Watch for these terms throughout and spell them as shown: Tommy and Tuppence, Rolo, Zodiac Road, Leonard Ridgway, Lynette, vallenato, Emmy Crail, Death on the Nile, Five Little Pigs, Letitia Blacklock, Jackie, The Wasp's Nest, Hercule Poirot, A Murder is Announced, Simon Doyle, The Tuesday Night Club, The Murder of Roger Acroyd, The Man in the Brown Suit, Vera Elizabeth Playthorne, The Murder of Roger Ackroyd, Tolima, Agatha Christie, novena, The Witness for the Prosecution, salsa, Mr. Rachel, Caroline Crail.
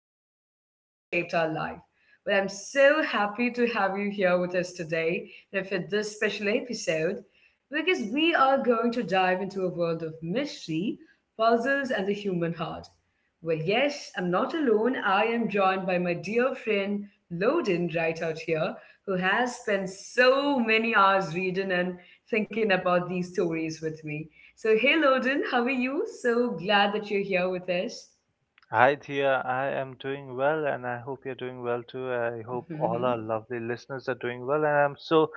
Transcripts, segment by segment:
that have kind of shaped our life. I'm so happy to have you here with us today and for this special episode because we are going to dive into a world of mystery, puzzles, and the human heart. Well, yes, I'm not alone. I am joined by my dear friend Loden right out here, who has spent so many hours reading and thinking about these stories with me. So, hey Loden, how are you? So glad that you're here with us. Hi, Thea. I am doing well, and I hope you're doing well too. I hope all our lovely listeners are doing well, and I'm so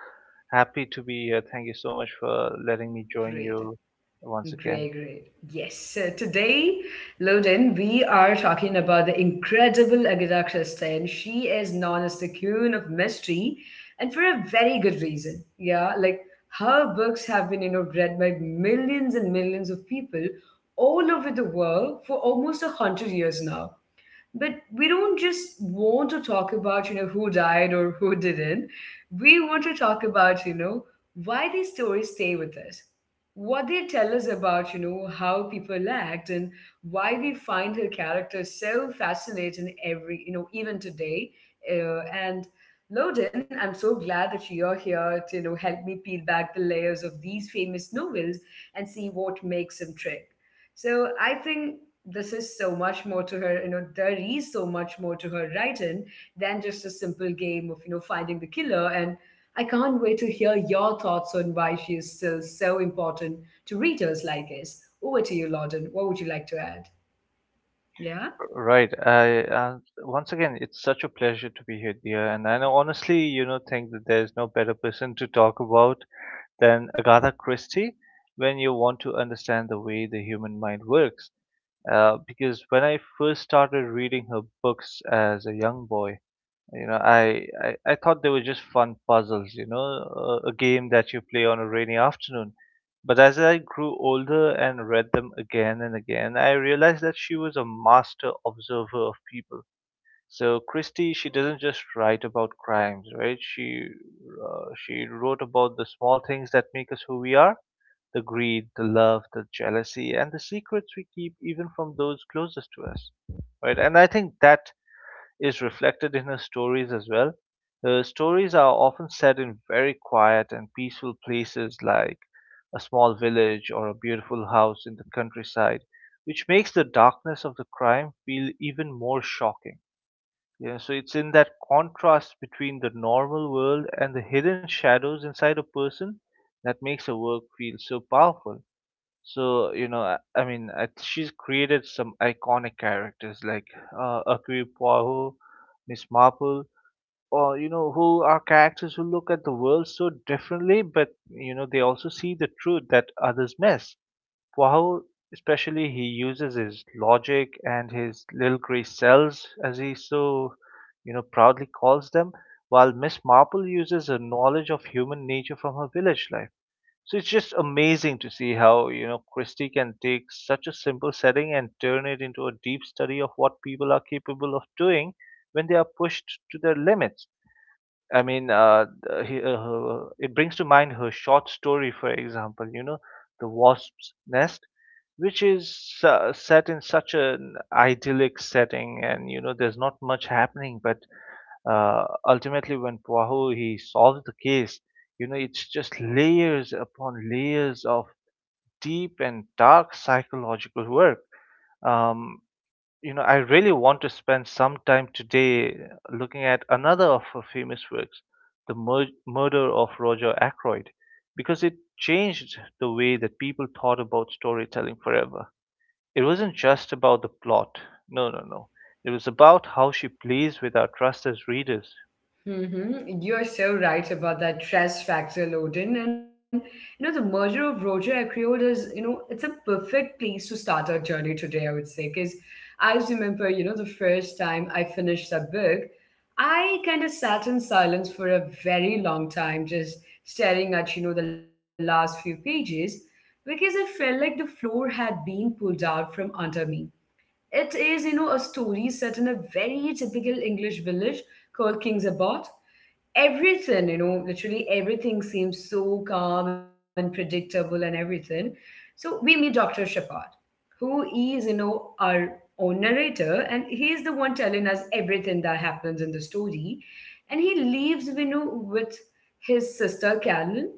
happy to be here. Thank you so much for letting me join Great. you once again. Great, great. Yes. So today, Loden, we are talking about the incredible Agatha Christie, and she is known as the Queen of Mystery, and for a very good reason. Yeah, like her books have been, read by millions and millions of people all over the world for almost a hundred years now. But we don't just want to talk about, who died or who didn't. We want to talk about, why these stories stay with us. What they tell us about, how people act and why we find her character so fascinating every, even today. And Loden, I'm so glad that you're here to, help me peel back the layers of these famous novels and see what makes them trick. So I think this is so much more to her, you know, there is so much more to her writing than just a simple game of, finding the killer. And I can't wait to hear your thoughts on why she is still so important to readers like us. Over to you, Lawden. What would you like to add? Yeah? Right. I once again, it's such a pleasure to be here, dear. And I know, honestly, you know, think that there's no better person to talk about than Agatha Christie when you want to understand the way the human mind works. Because when I first started reading her books as a young boy, You know, I, I thought they were just fun puzzles, you know, a game that you play on a rainy afternoon. But as I grew older and read them again and again, I realized that she was a master observer of people. So Christie, she doesn't just write about crimes, right? She wrote about the small things that make us who we are, the greed, the love, the jealousy, and the secrets we keep even from those closest to us, right? And I think that is reflected in her stories as well. Her stories are often set in very quiet and peaceful places like a small village or a beautiful house in the countryside, which makes the darkness of the crime feel even more shocking. Yeah, so it's in that contrast between the normal world and the hidden shadows inside a person that makes her work feel so powerful. So, she's created some iconic characters like Akui Poirot, Miss Marple, or, you know, who are characters who look at the world so differently, but, you know, they also see the truth that others miss. Poirot, especially, he uses his logic and his little grey cells, as he so, you know, proudly calls them, while Miss Marple uses her knowledge of human nature from her village life. So it's just amazing to see how, you know, Christie can take such a simple setting and turn it into a deep study of what people are capable of doing when they are pushed to their limits. It brings to mind her short story, for example, you know, The Wasp's Nest, which is set in such an idyllic setting and, you know, there's not much happening, but ultimately when Poirot he solved the case, you know, it's just layers upon layers of deep and dark psychological work. Um, you know, I really want to spend some time today looking at another of her famous works, The Mur- Murder of Roger Ackroyd, because it changed the way that people thought about storytelling forever. It wasn't just about the plot. No, no, no. It was about how she plays with our trust as readers. Mm-hmm. You're so right about that trust factor, Loden. And you know, the merger of Roger Acriod is, it's a perfect place to start our journey today, I would say. Because I remember, the first time I finished that book, I kind of sat in silence for a very long time, just staring at, the last few pages, because I felt like the floor had been pulled out from under me. It is, a story set in a very typical English village called King's Abbot. Everything, literally everything seems so calm and predictable and everything. So we meet Dr. Shepard who is, our own narrator, and he's the one telling us everything that happens in the story. And he leaves, with his sister Carolyn,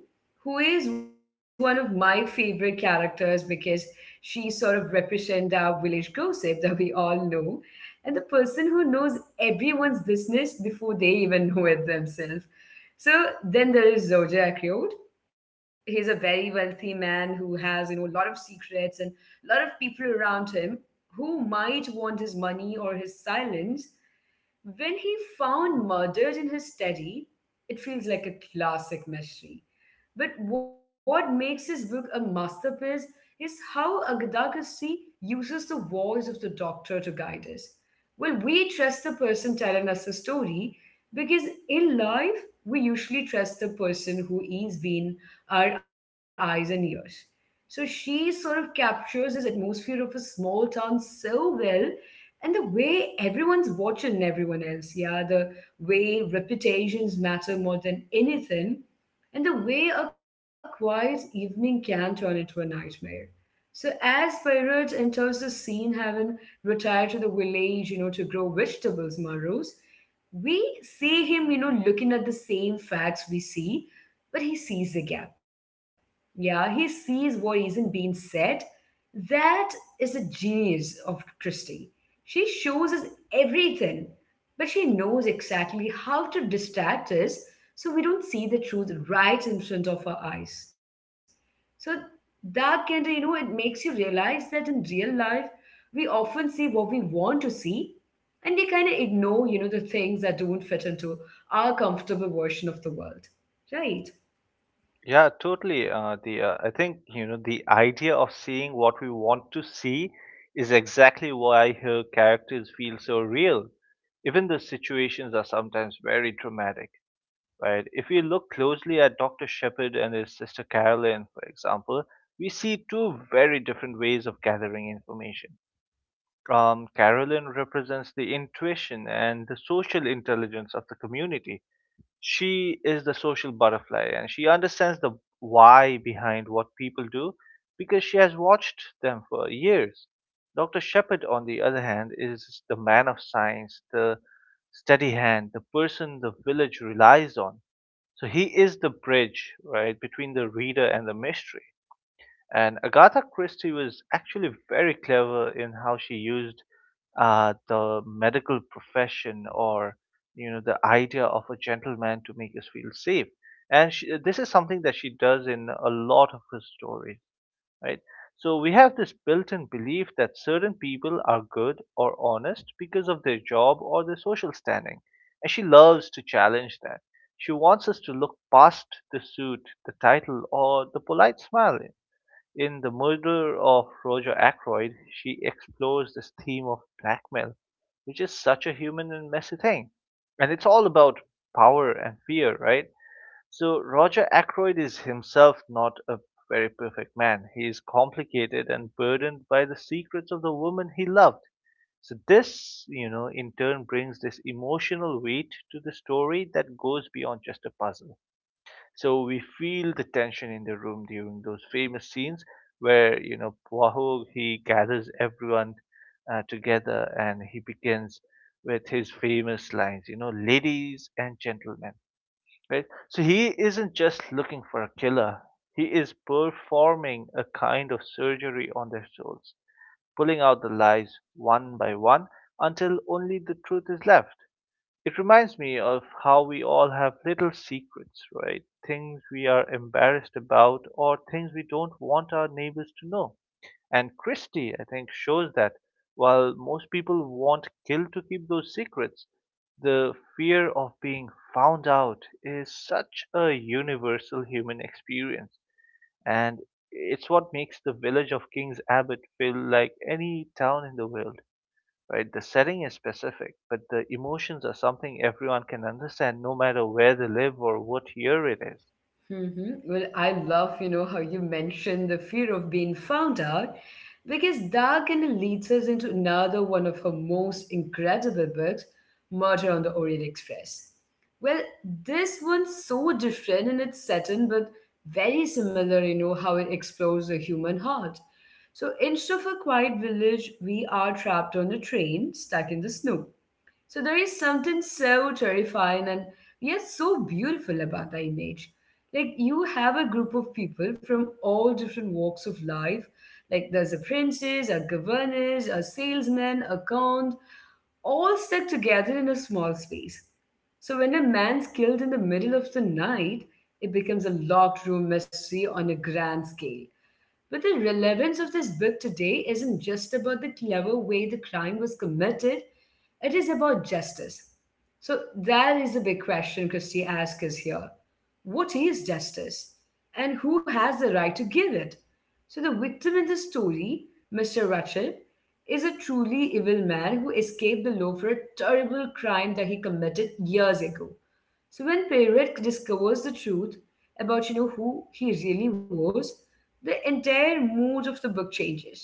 who is one of my favorite characters because she sort of represents our village gossip that we all know and the person who knows everyone's business before they even know it themselves. So then there is Zodiac Road. He's a very wealthy man who has, a lot of secrets and a lot of people around him who might want his money or his silence. When he found murdered in his study, it feels like a classic mystery. But what makes his book a masterpiece is how Agadakasi uses the voice of the doctor to guide us. Well, we trust the person telling us the story because in life, we usually trust the person who is being our eyes and ears. So she sort of captures this atmosphere of a small town so well and the way everyone's watching everyone else. Yeah, the way reputations matter more than anything and the way a quiet evening can turn into a nightmare. So as Pyrot enters the scene, having retired to the village, to grow vegetables, Maros, we see him, looking at the same facts we see, but he sees the gap. Yeah, he sees what isn't being said. That is the genius of Christie. She shows us everything, but she knows exactly how to distract us so we don't see the truth right in front of our eyes. So that kind of, you know, it makes you realize that in real life, we often see what we want to see and we kind of ignore, the things that don't fit into our comfortable version of the world, right? Yeah, totally. The I think you know the idea of seeing what we want to see is exactly why her characters feel so real. Even the situations are sometimes very dramatic, right? If we look closely at Dr. Shepard and his sister Carolyn, for example, we see two very different ways of gathering information. Carolyn represents the intuition and the social intelligence of the community. She is the social butterfly and she understands the why behind what people do because she has watched them for years. Dr. Shepard, on the other hand, is the man of science, the steady hand, the person the village relies on. So he is the bridge, right, between the reader and the mystery. And Agatha Christie was actually very clever in how she used the medical profession or you know the idea of a gentleman to make us feel safe, and she, this is something that she does in a lot of her stories, right? So we have this built-in belief that certain people are good or honest because of their job or their social standing, and she loves to challenge that. She wants us to look past the suit, the title, or the polite smile. In "The Murder of Roger Ackroyd", she explores this theme of blackmail, which is such a human and messy thing. And it's all about power and fear, right? So Roger Ackroyd is himself not a very perfect man. He is complicated and burdened by the secrets of the woman he loved. So this, you know, in turn brings this emotional weight to the story that goes beyond just a puzzle. So we feel the tension in the room during those famous scenes where you know Poirot he gathers everyone together, and he begins with his famous lines, you know, ladies and gentlemen, right? So he isn't just looking for a killer. He is performing a kind of surgery on their souls, pulling out the lies one by one until only the truth is left. It reminds me of how we all have little secrets, right? Things we are embarrassed about or things we don't want our neighbors to know. And Christie, I think, shows that while most people want guilt to keep those secrets, the fear of being found out is such a universal human experience. And it's what makes the village of King's Abbot feel like any town in the world, right? The setting is specific, but the emotions are something everyone can understand no matter where they live or what year it is. Hmm. Well, I love, how you mentioned the fear of being found out because that kind of leads us into another one of her most incredible books, Murder on the Orient Express. Well, this one's so different in its setting, but very similar, how it explores the human heart. So instead of a quiet village, we are trapped on a train stuck in the snow. So there is something so terrifying and yet so beautiful about the image. Like you have a group of people from all different walks of life. Like there's a princess, a governess, a salesman, a count, all stuck together in a small space. So when a man's killed in the middle of the night, it becomes a locked room mystery on a grand scale. But the relevance of this book today isn't just about the clever way the crime was committed, it is about justice. So that is the big question Christie asks us here. What is justice? And who has the right to give it? So the victim in the story, Mr. Rachel, is a truly evil man who escaped the law for a terrible crime that he committed years ago. So when Perret discovers the truth about you know who he really was, the entire mood of the book changes.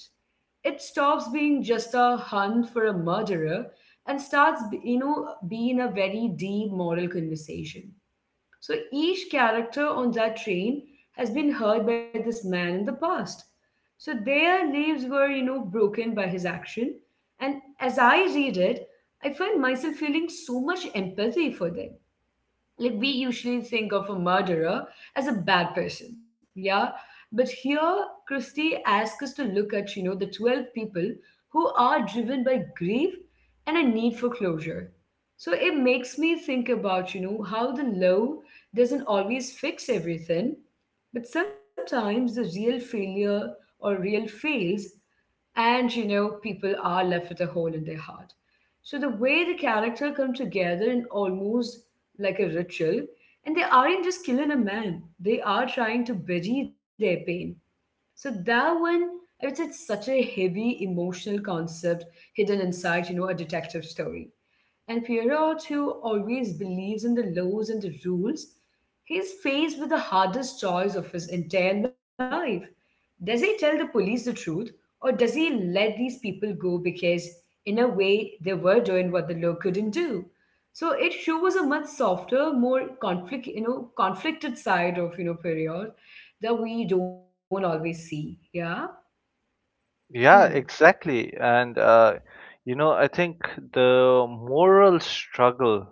It stops being just a hunt for a murderer and starts you know being a very deep moral conversation. So each character on that train has been hurt by this man in the past. So their lives were you know broken by his action, and as I read it, I find myself feeling so much empathy for them. Like we usually think of a murderer as a bad person, yeah, but here Christie asks us to look at you know the 12 people who are driven by grief and a need for closure. So it makes me think about you know how the law doesn't always fix everything, but sometimes the real failure or real fails and you know people are left with a hole in their heart. So the way the character come together in almost like a ritual, and they aren't just killing a man, they are trying to bury their pain. So that one, I would say it's such a heavy emotional concept hidden inside you know a detective story. And Pierrot, who always believes in the laws and the rules, he's faced with the hardest choice of his entire life. Does he tell the police the truth, or does he let these people go because, in a way, they were doing what the law couldn't do? So it shows a much softer, more conflict, conflicted side of you know Pierrot that we don't always see. Yeah. Hmm. Yeah, exactly. You know, I think the moral struggle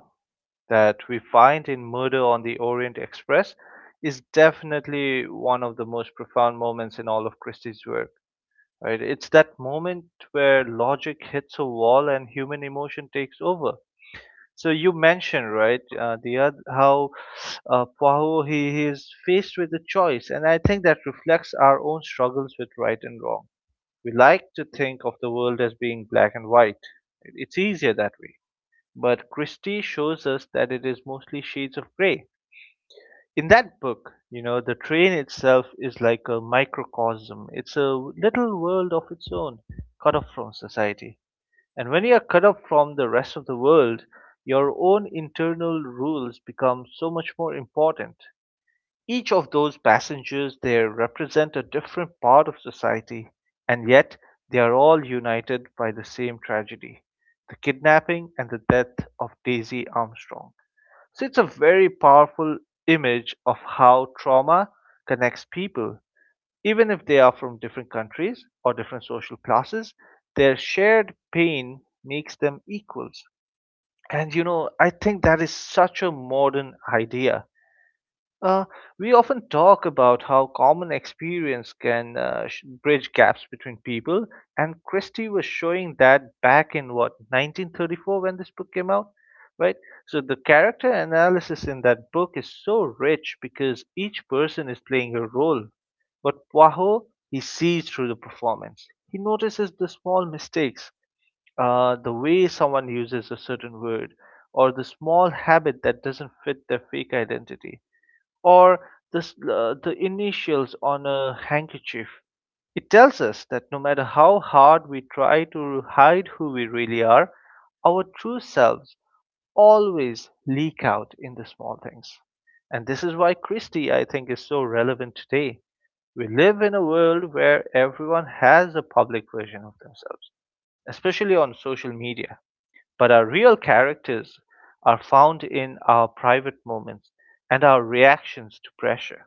that we find in Murder on the Orient Express is definitely one of the most profound moments in all of Christie's work. Right? It's that moment where logic hits a wall and human emotion takes over. So you mentioned, right, how Poirot he is faced with a choice, and I think that reflects our own struggles with right and wrong. We like to think of the world as being black and white. It's easier that way. But Christie shows us that it is mostly shades of gray. In that book, you know, the train itself is like a microcosm. It's a little world of its own, cut off from society. And when you are cut off from the rest of the world, your own internal rules become so much more important. Each of those passengers there represent a different part of society, and yet they are all united by the same tragedy, the kidnapping and the death of Daisy Armstrong. So it's a very powerful image of how trauma connects people, even if they are from different countries or different social classes, their shared pain makes them equals. And you know, I think that is such a modern idea. uh, we often talk about how common experience can bridge gaps between people, and Christie was showing that back in what 1934 when this book came out, right? So the character analysis in that book is so rich because each person is playing a role. But Poirot, he sees through the performance. He notices the small mistakes, the way someone uses a certain word, or the small habit that doesn't fit their fake identity or the initials on a handkerchief. It tells us that no matter how hard we try to hide who we really are, our true selves always leak out in the small things. And this is why Christie, I think, is so relevant today. We live in a world where everyone has a public version of themselves, especially on social media. But our real characters are found in our private moments and our reactions to pressure.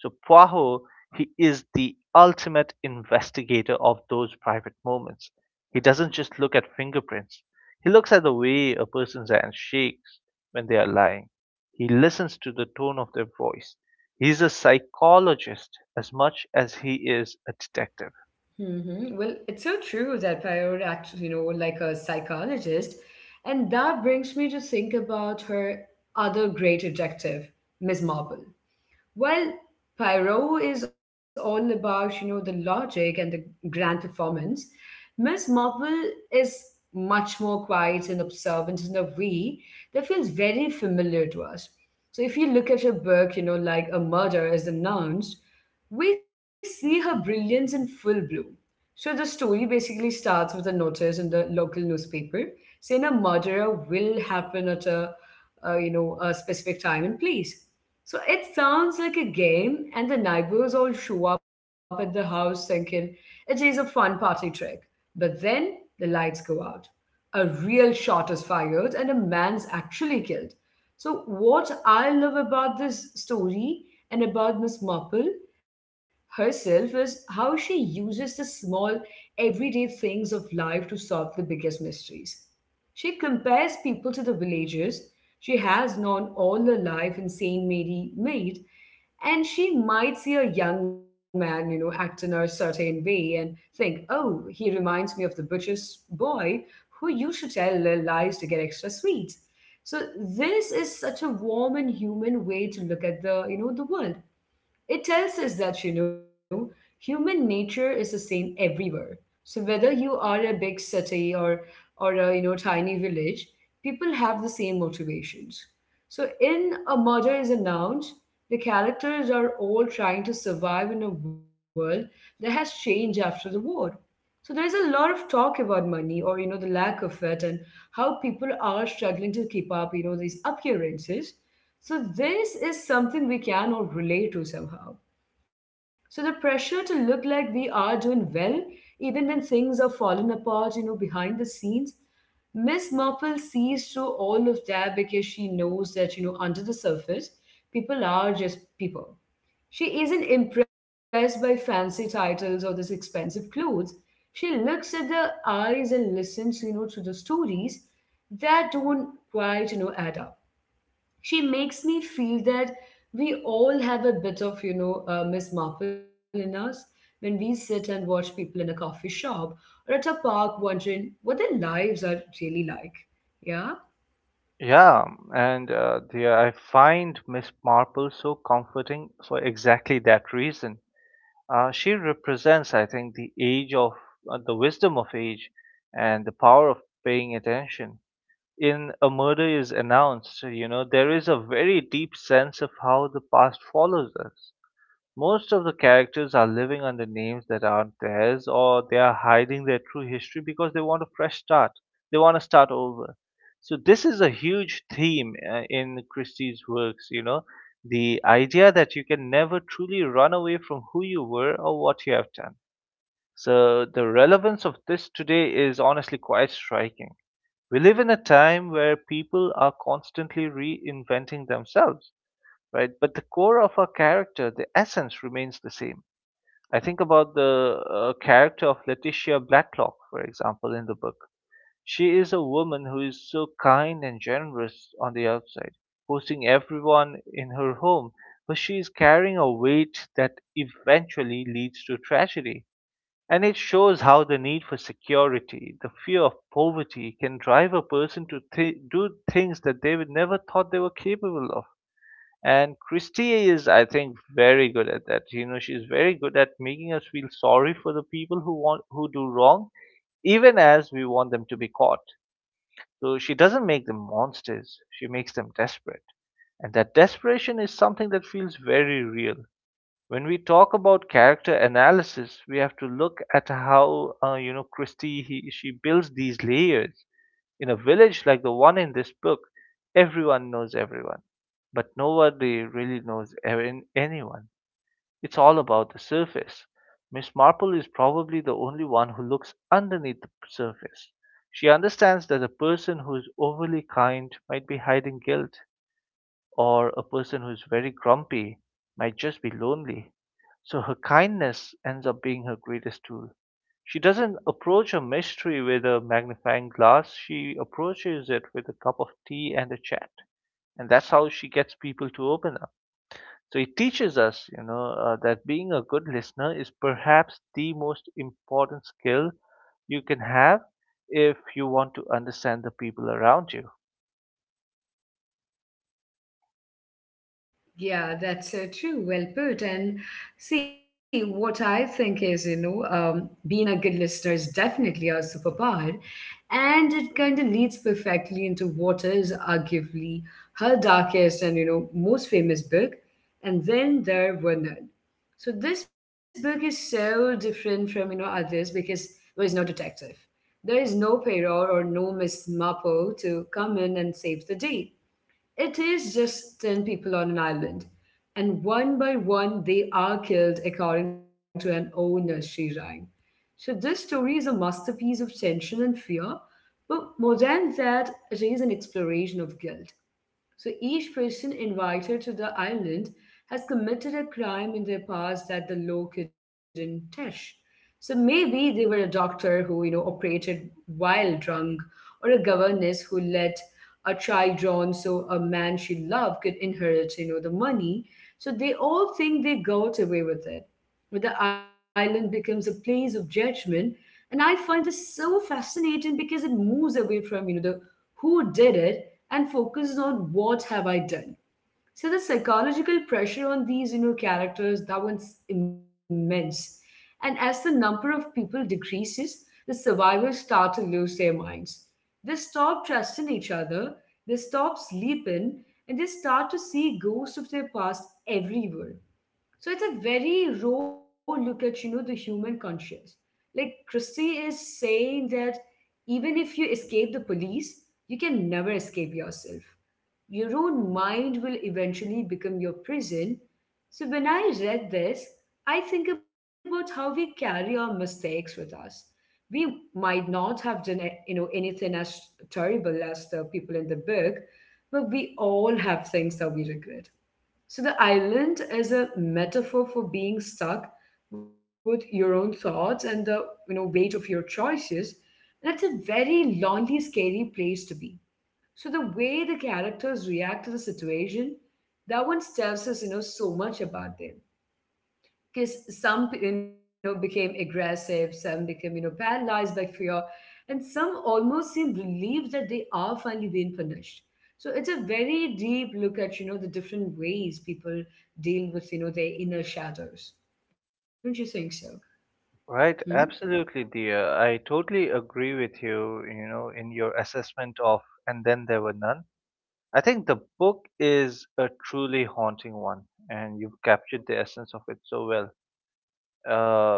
So Poirot, he is the ultimate investigator of those private moments. He doesn't just look at fingerprints. He looks at the way a person's hand shakes when they are lying. He listens to the tone of their voice. He's a psychologist as much as he is a detective. Hmm. Well, it's so true that Prior acts, like a psychologist. And that brings me to think about her other great detective, Miss Marple. Well, Poirot is all about, the logic and the grand performance. Miss Marple is much more quiet and observant in a way that feels very familiar to us. So if you look at her book, like A Murder is Announced, we see her brilliance in full bloom. So the story basically starts with a notice in the local newspaper saying a murder will happen at a, you know a specific time and place. So it sounds like a game, and the neighbors all show up at the house thinking it is a fun party trick. But then the lights go out. A real shot is fired and a man's actually killed. So, what I love about this story and about Miss Marple herself is how she uses the small, everyday things of life to solve the biggest mysteries. She compares people to the villagers she has known all her life in St. Mary Maid and she might see a young man, act in a certain way and think, oh, he reminds me of the butcher's boy who used to tell little lies to get extra sweets." So this is such a warm and human way to look at the, the world. It tells us that, human nature is the same everywhere. So whether you are a big city or a you know tiny village, people have the same motivations. So in A Murder is Announced, the characters are all trying to survive in a world that has changed after the war. So there is a lot of talk about money or you know the lack of it and how people are struggling to keep up, these appearances. So this is something we can all relate to somehow. So the pressure to look like we are doing well, even when things are falling apart, you know, behind the scenes, Miss Marple sees through all of that because she knows that, you know, under the surface, people are just people. She isn't impressed by fancy titles or this expensive clothes. She looks at the eyes and listens, you know, to the stories that don't quite, add up. She makes me feel that we all have a bit of Miss Marple in us when we sit and watch people in a coffee shop or at a park wondering what their lives are really like. Yeah. Yeah, and dear, I find Miss Marple so comforting for exactly that reason. She represents, I think, the age of the wisdom of age and the power of paying attention. In A Murder is Announced, you know, there is a very deep sense of how the past follows us. Most of the characters are living under names that aren't theirs, or they are hiding their true history because they want a fresh start. They want to start over. So this is a huge theme in Christie's works, you know, the idea that you can never truly run away from who you were or what you have done. So the relevance of this today is honestly quite striking. We live in a time where people are constantly reinventing themselves, right? But the core of her character, the essence remains the same. I think about the character of Letitia Blacklock, for example, in the book. She is a woman who is so kind and generous on the outside, hosting everyone in her home, but she is carrying a weight that eventually leads to tragedy. And it shows how the need for security, the fear of poverty, can drive a person to do things that they would never thought they were capable of. And Christie is, I think, very good at that. You know, she's very good at making us feel sorry for the people who do wrong, even as we want them to be caught. So she doesn't make them monsters. She makes them desperate, and that desperation is something that feels very real when we talk about character analysis. We have to look at how you know, she builds these layers. In a village like the one in this book, everyone knows everyone, but nobody really knows anyone. It's all about the surface. Miss Marple is probably the only one who looks underneath the surface. She understands that a person who is overly kind might be hiding guilt, or a person who's very grumpy might just be lonely. So her kindness ends up being her greatest tool. She doesn't approach a mystery with a magnifying glass, she approaches it with a cup of tea and a chat. And that's how she gets people to open up. So it teaches us, you know, that being a good listener is perhaps the most important skill you can have if you want to understand the people around you. Yeah, that's true. Well put. And see, what I think is, you know, being a good listener is definitely a superpower. And it kind of leads perfectly into what is arguably her darkest and, you know, most famous book. And Then There Were None. So this book is so different from, you know, others because there is no detective. There is no Poirot or no Miss Marple to come in and save the day. It is just 10 people on an island, and one by one they are killed according to an old nursery rhyme. So this story is a masterpiece of tension and fear, but more than that, it is an exploration of guilt. So each person invited to the island has committed a crime in their past that the law couldn't touch. So maybe they were a doctor who, you know, operated while drunk, or a governess who let a child drown so a man she loved could inherit, you know, the money. So they all think they got away with it where the island becomes a place of judgment. And I find this so fascinating because it moves away from, you know, the who did it and focuses on what have I done. So the psychological pressure on these, you know, characters, that one's immense. And as the number of people decreases, the survivors start to lose their minds. They stop trusting each other, they stop sleeping, and they start to see ghosts of their past everywhere. So it's a very raw look at, you know, the human conscience. Like Christie is saying that even if you escape the police, you can never escape yourself. Your own mind will eventually become your prison. So when I read this, I think about how we carry our mistakes with us. We might not have done, anything as terrible as the people in the book, but we all have things that we regret. So the island is a metaphor for being stuck with your own thoughts and the weight of your choices. That's a very lonely, scary place to be. So the way the characters react to the situation, that one tells us, you know, so much about them, because some, you know, became aggressive, some became, you know, paralyzed by fear, and some almost seem relieved that they are finally being punished. So it's a very deep look at, you know, the different ways people deal with, you know, their inner shadows. Don't you think so? Hmm? Right, absolutely, dear. I totally agree with you, you know, in your assessment of And Then There Were None. I think the book is a truly haunting one, and you've captured the essence of it so well. Uh,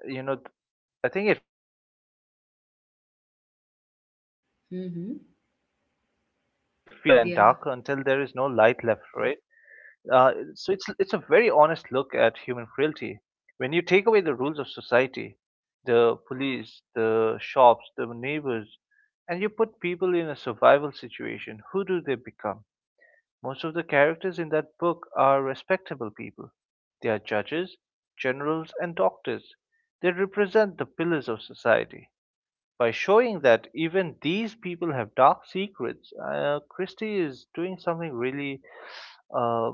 you know, th- I think it feels like a play where the stage is just slowly getting Mm-hmm. darker and darker until there is no light left, Yeah. right? Uh, so it's a very honest look at human frailty. When you take away the rules of society, the police, the shops, the neighbors, and you put people in a survival situation, who do they become? Most of the characters in that book are respectable people. They are judges, generals, and doctors. They represent the pillars of society. By showing that even these people have dark secrets, Christie is doing something really um,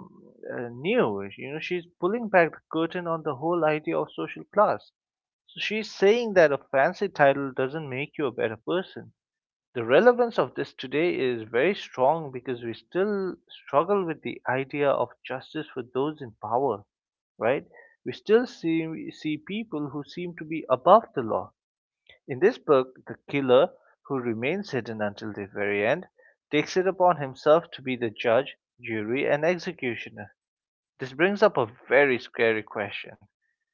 new. You know, she's pulling back the curtain on the whole idea of social class. So she's saying that a fancy title doesn't make you a better person. The relevance of this today is very strong because we still struggle with the idea of justice for those in power, right? We still see, see people who seem to be above the law. In this book, the killer, who remains hidden until the very end, takes it upon himself to be the judge, jury, and executioner. This brings up a very scary question.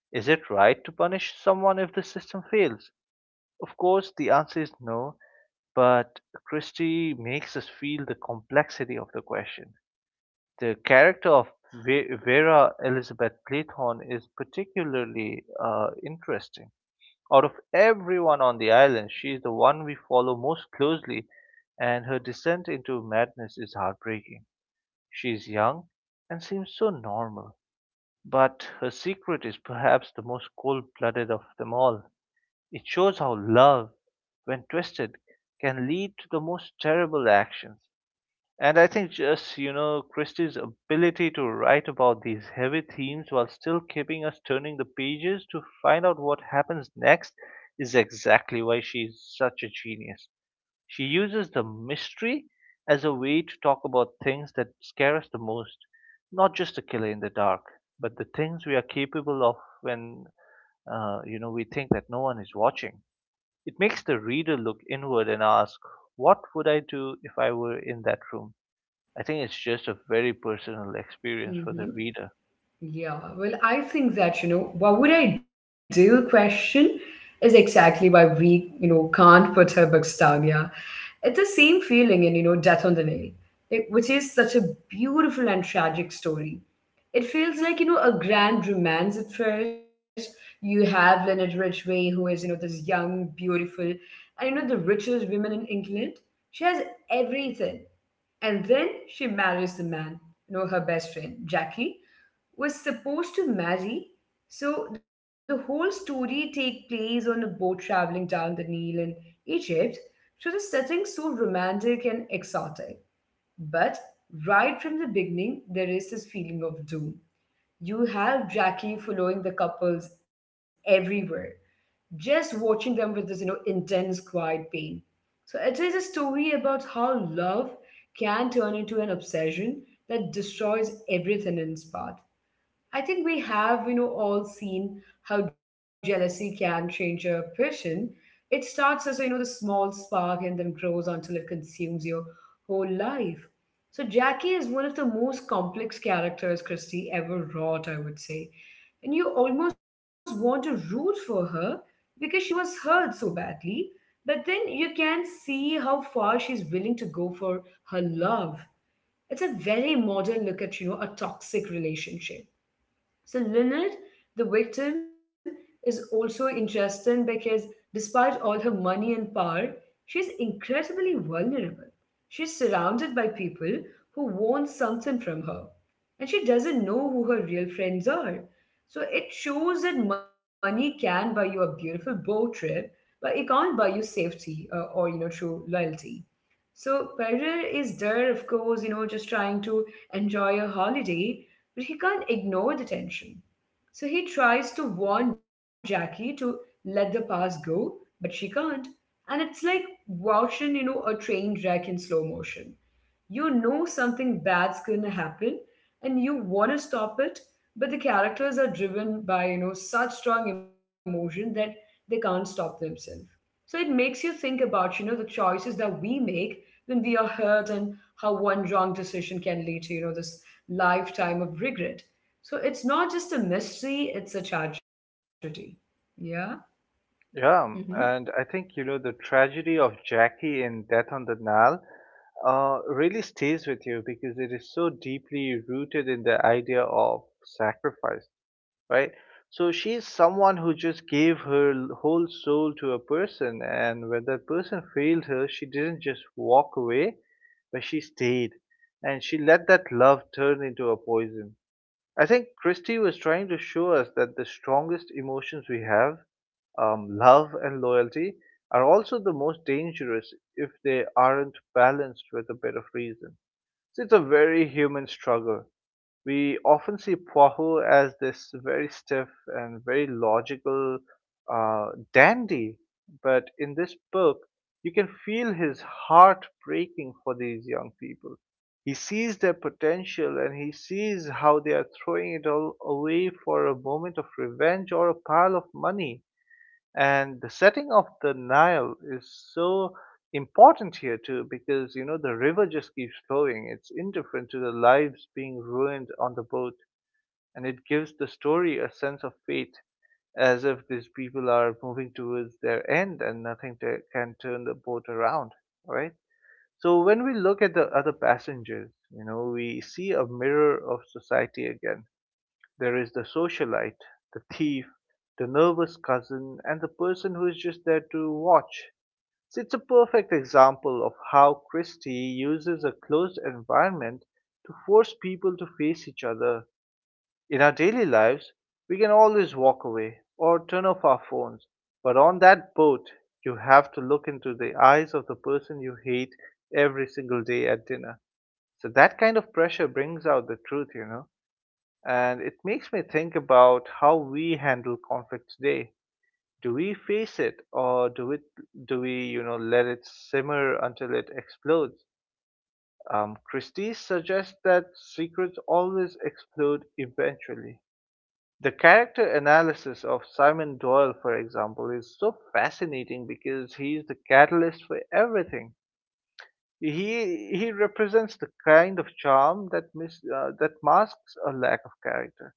Is it right to punish someone if the system fails? Of course, the answer is no, but Christie makes us feel the complexity of the question. The character of Vera Elizabeth Playthorne is particularly interesting. Out of everyone on the island, she is the one we follow most closely, and her descent into madness is heartbreaking. She is young and seems so normal, but her secret is perhaps the most cold blooded of them all. It shows how love, when twisted, can lead to the most terrible actions. And I think, just, you know, Christie's ability to write about these heavy themes while still keeping us turning the pages to find out what happens next is exactly why she's such a genius. She uses the mystery as a way to talk about things that scare us the most, not just the killer in the dark, but the things we are capable of when, you know, we think that no one is watching. It makes the reader look inward and ask, what would I do if I were in that room? I think it's just a very personal experience for the Mm-hmm. reader. Yeah, well, I think that, you know, what would I do question is exactly why we, you know, can't put our books down. Yeah. It's the same feeling in, you know, Death on the Nail, like, which is such a beautiful and tragic story. It feels like, you know, a grand romance at first. You have Leonard Ridgway, who is, you know, this young, beautiful, and, you know, the richest woman in England. She has everything. And then she marries the man, you know, her best friend, Jackie was supposed to marry. So the whole story take place on a boat traveling down the Nile in Egypt. So the setting's so romantic and exotic. But right from the beginning, there is this feeling of doom. You have Jackie following the couples everywhere, just watching them with this, you know, intense, quiet pain. So it is a story about how love can turn into an obsession that destroys everything in its path. I think we have, you know, all seen how jealousy can change a person. It starts as, you know, the small spark and then grows until it consumes your whole life. So Jackie is one of the most complex characters Christie ever wrought, I would say. And you almost want to root for her because she was hurt so badly. But then you can see how far she's willing to go for her love. It's a very modern look at, you know, a toxic relationship. So Lynette, the victim, is also interesting because despite all her money and power, she's incredibly vulnerable. She's surrounded by people who want something from her, and she doesn't know who her real friends are. So it shows that money can buy you a beautiful boat trip, but it can't buy you safety or, you know, true loyalty. So Perder is there, of course, you know, just trying to enjoy a holiday, but he can't ignore the tension. So he tries to warn Jackie to let the past go, but she can't. And it's like watching, you know, a train wreck in slow motion. You know something bad's gonna happen and you wanna stop it, but the characters are driven by, you know, such strong emotion that they can't stop themselves. So it makes you think about, you know, the choices that we make when we are hurt and how one wrong decision can lead to, you know, this lifetime of regret. So it's not just a mystery, it's a tragedy. Yeah. Yeah, Mm-hmm. and I think, you know, the tragedy of Jackie in Death on the Nile really stays with you because it is so deeply rooted in the idea of sacrifice, right? So she's someone who just gave her whole soul to a person, and when that person failed her, she didn't just walk away, but she stayed and she let that love turn into a poison. I think Christie was trying to show us that the strongest emotions we have, love and loyalty, are also the most dangerous if they aren't balanced with a bit of reason. So it's a very human struggle. We often see Poirot as this very stiff and very logical uh, dandy, but in this book, you can feel his heart breaking for these young people. He sees their potential and he sees how they are throwing it all away for a moment of revenge or a pile of money. And the setting of the Nile is so important here too because, you know, the river just keeps flowing. It's indifferent to the lives being ruined on the boat, and it gives the story a sense of fate, as if these people are moving towards their end and nothing to, can turn the boat around, right? So when we look at the other passengers, you know, we see a mirror of society again. There is the socialite, the thief, the nervous cousin, and the person who is just there to watch. So it's a perfect example of how Christie uses a closed environment to force people to face each other. In our daily lives, we can always walk away or turn off our phones, but on that boat, you have to look into the eyes of the person you hate every single day at dinner. So that kind of pressure brings out the truth, you know. And it makes me think about how we handle conflict today. Do we face it or do it do we, you know, let it simmer until it explodes? Christie suggests that secrets always explode eventually. The character analysis of Simon Doyle, for example, is so fascinating because he's the catalyst for everything. He represents the kind of charm that that masks a lack of character.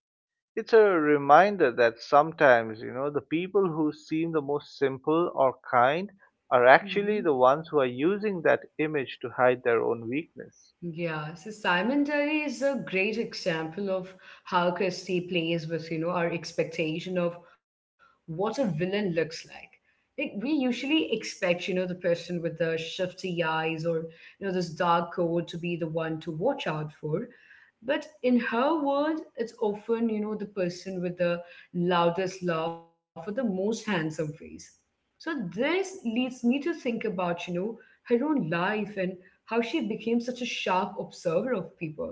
It's a reminder that sometimes, you know, the people who seem the most simple or kind are actually Mm-hmm. the ones who are using that image to hide their own weakness. Yeah, so Simon Terry is a great example of how Christie plays with, you know, our expectation of what a villain looks like. Like we usually expect, you know, the person with the shifty eyes or, you know, this dark coat to be the one to watch out for. But in her world, it's often, you know, the person with the loudest laugh or the most handsome face. So this leads me to think about, you know, her own life and how she became such a sharp observer of people.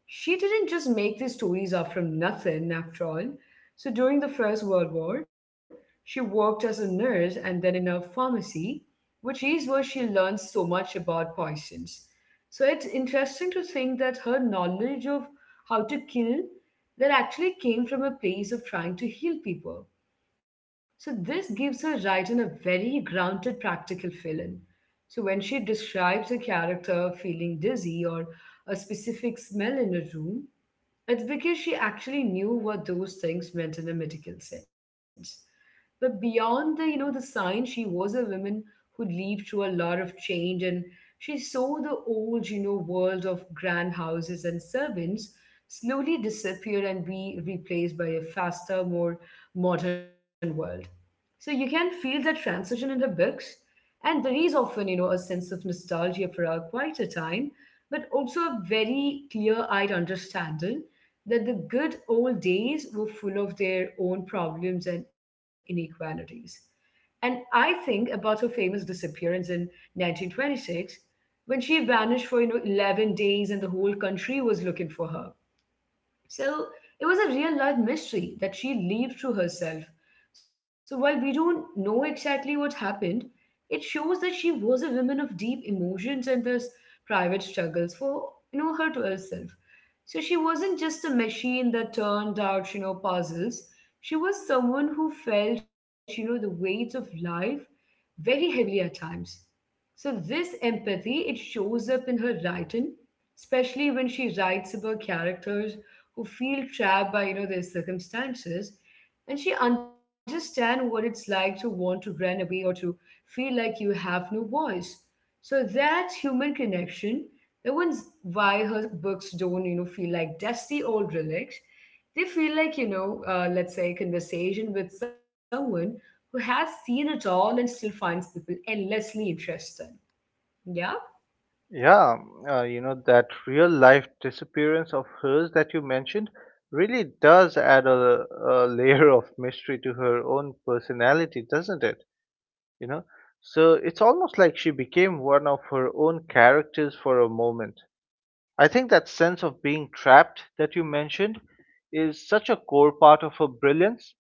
She didn't just make these stories up from nothing, after all. So during the First World War, she worked as a nurse and then in a pharmacy, which is where she learned so much about poisons. So it's interesting to think that her knowledge of how to kill that actually came from a place of trying to heal people. So this gives her writing a very grounded, practical feeling. So when she describes a character feeling dizzy or a specific smell in a room, it's because she actually knew what those things meant in a medical sense. But beyond the, you know, the sign, she was a woman who lived through a lot of change and she saw the old, you know, world of grand houses and servants slowly disappear and be replaced by a faster, more modern world. So you can feel that transition in her books. And there is often, you know, a sense of nostalgia for a quieter time, but also a very clear eyed understanding that the good old days were full of their own problems and inequalities. And I think about her famous disappearance in 1926 when she vanished for, you know, 11 days and the whole country was looking for her. So it was a real life mystery that she lived through herself. So while we don't know exactly what happened, it shows that she was a woman of deep emotions and thus private struggles for, you know, her to herself. So she wasn't just a machine that turned out, you know, puzzles. She was someone who felt, you know, the weights of life very heavily at times. So this empathy, it shows up in her writing, especially when she writes about characters who feel trapped by, you know, their circumstances, and she understands what it's like to want to run away or to feel like you have no voice. So that's human connection. That one's why her books don't, you know, feel like dusty old relics. They feel like, you know, let's say a conversation with someone who has seen it all and still finds people endlessly interesting. Yeah? Yeah, you know, that real life disappearance of hers that you mentioned really does add a layer of mystery to her own personality, doesn't it? You know, so it's almost like she became one of her own characters for a moment. I think that sense of being trapped that you mentioned is such a core part of her brilliance.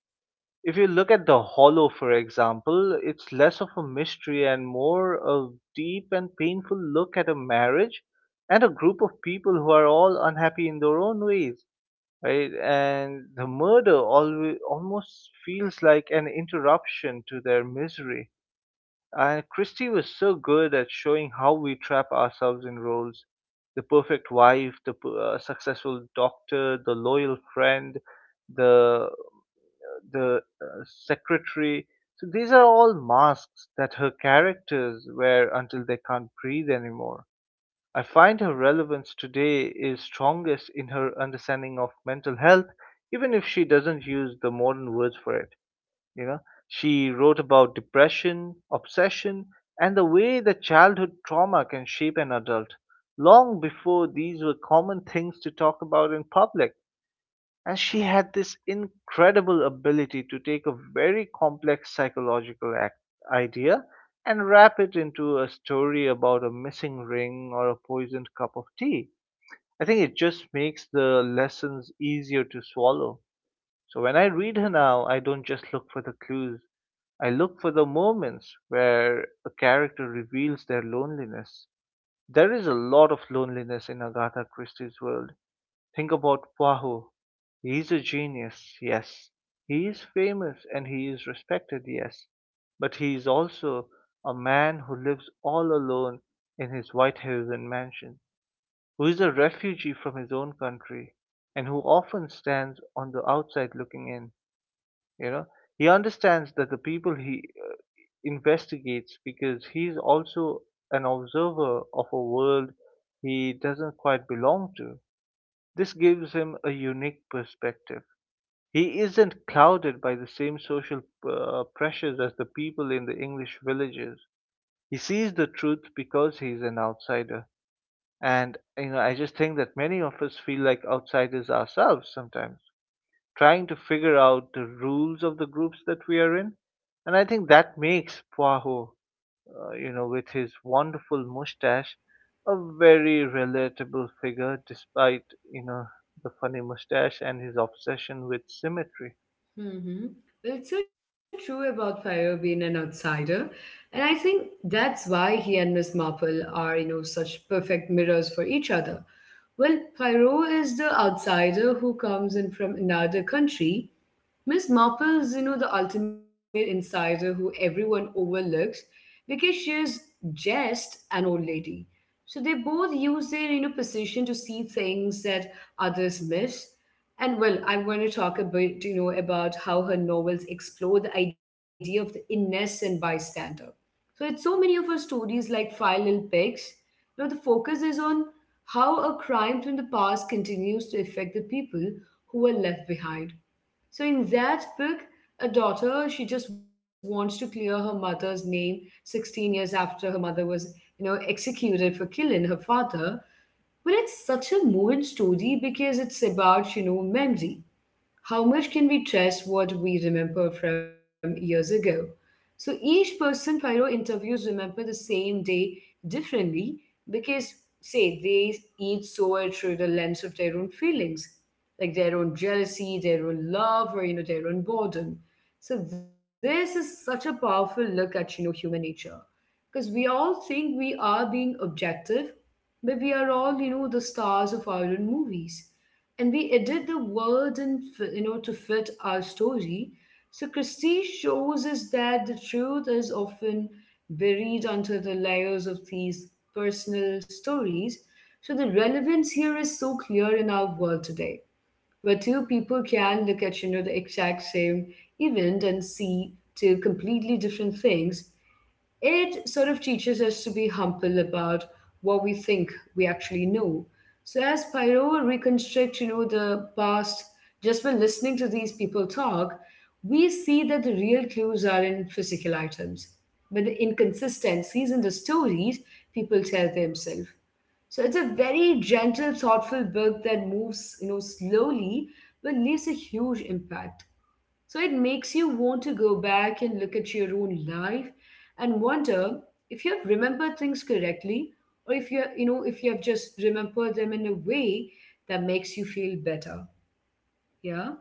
If you look at The Hollow, for example, it's less of a mystery and more a deep and painful look at a marriage and a group of people who are all unhappy in their own ways, right? And the murder always, almost feels like an interruption to their misery. And Christie was so good at showing how we trap ourselves in roles, the perfect wife, the successful doctor, the loyal friend, the, the secretary. So these are all masks that her characters wear until they can't breathe anymore. I find her relevance today is strongest in her understanding of mental health, even if she doesn't use the modern words for it. You know, she wrote about depression, obsession, and the way that childhood trauma can shape an adult long before these were common things to talk about in public. And she had this incredible ability to take a very complex psychological idea and wrap it into a story about a missing ring or a poisoned cup of tea. I think it just makes the lessons easier to swallow. So when I read her now, I don't just look for the clues, I look for the moments where a character reveals their loneliness. There is a lot of loneliness in Agatha Christie's world. Think about Poirot. He's a genius, yes. He is famous and he is respected, yes. But he is also a man who lives all alone in his Whitehaven mansion, who is a refugee from his own country, and who often stands on the outside looking in. You know, he understands that the people he investigates because he's also an observer of a world he doesn't quite belong to. This gives him a unique perspective. He isn't clouded by the same social pressures as the people in the English villages. He sees the truth because he's an outsider. And, you know, I just think that many of us feel like outsiders ourselves sometimes, trying to figure out the rules of the groups that we are in. And I think that makes Poirot, you know, with his wonderful mustache, a very relatable figure despite, you know, the funny mustache and his obsession with symmetry. Mm-hmm. Well, it's so true about Fire being an outsider, and I think that's why he and Miss Marple are, you know, such perfect mirrors for each other. Well, Pyro is the outsider who comes in from another country. Miss Marple's, you know, the ultimate insider who everyone overlooks because she's just an old lady. So they both use their, you know, position to see things that others miss. I am going to talk a bit, about how her novels explore the idea of the innocent bystander. So it's so many of her stories like Five Little Pigs. The focus is on how a crime from the past continues to affect the people who are left behind. So in that book, a daughter, she just wants to clear her mother's name 16 years after her mother was, executed for killing her father. But it's such a moving story because it's about, memory. How much can we trust what we remember from years ago? So each person Pyro interviews remember the same day differently because, say, they each saw it through the lens of their own feelings, like their own jealousy, their own love, or their own boredom. So this is such a powerful look at human nature, because we all think we are being objective, but we are all the stars of our own movies, and we edit the world and to fit our story. So Christie shows us that the truth is often buried under the layers of these personal stories. So the relevance here is so clear in our world today, where two people can look at the exact same event and see two completely different things. It sort of teaches us to be humble about what we think we actually know. So as Pyro reconstructs, the past, just by listening to these people talk, we see that the real clues are in physical items. But the inconsistencies in the stories people tell themselves. So it's a very gentle, thoughtful book that moves, slowly, but leaves a huge impact. So it makes you want to go back and look at your own life and wonder if you have remembered things correctly, or if if you have just remembered them in a way that makes you feel better. Yeah.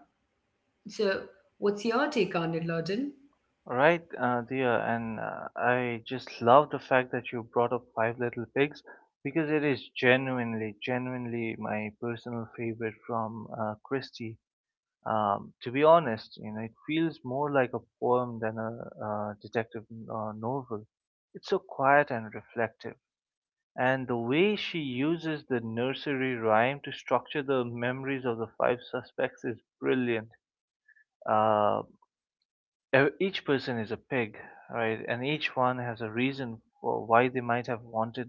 So what's your take on it, Lawden? Right, dear, and I just love the fact that you brought up Five Little Pigs because it is genuinely, genuinely my personal favorite from Christie. To be honest, you know, it feels more like a poem than a detective novel. It's so quiet and reflective. And the way she uses the nursery rhyme to structure the memories of the five suspects is brilliant. Uh, each person is a pig, right? And each one has a reason for why they might have wanted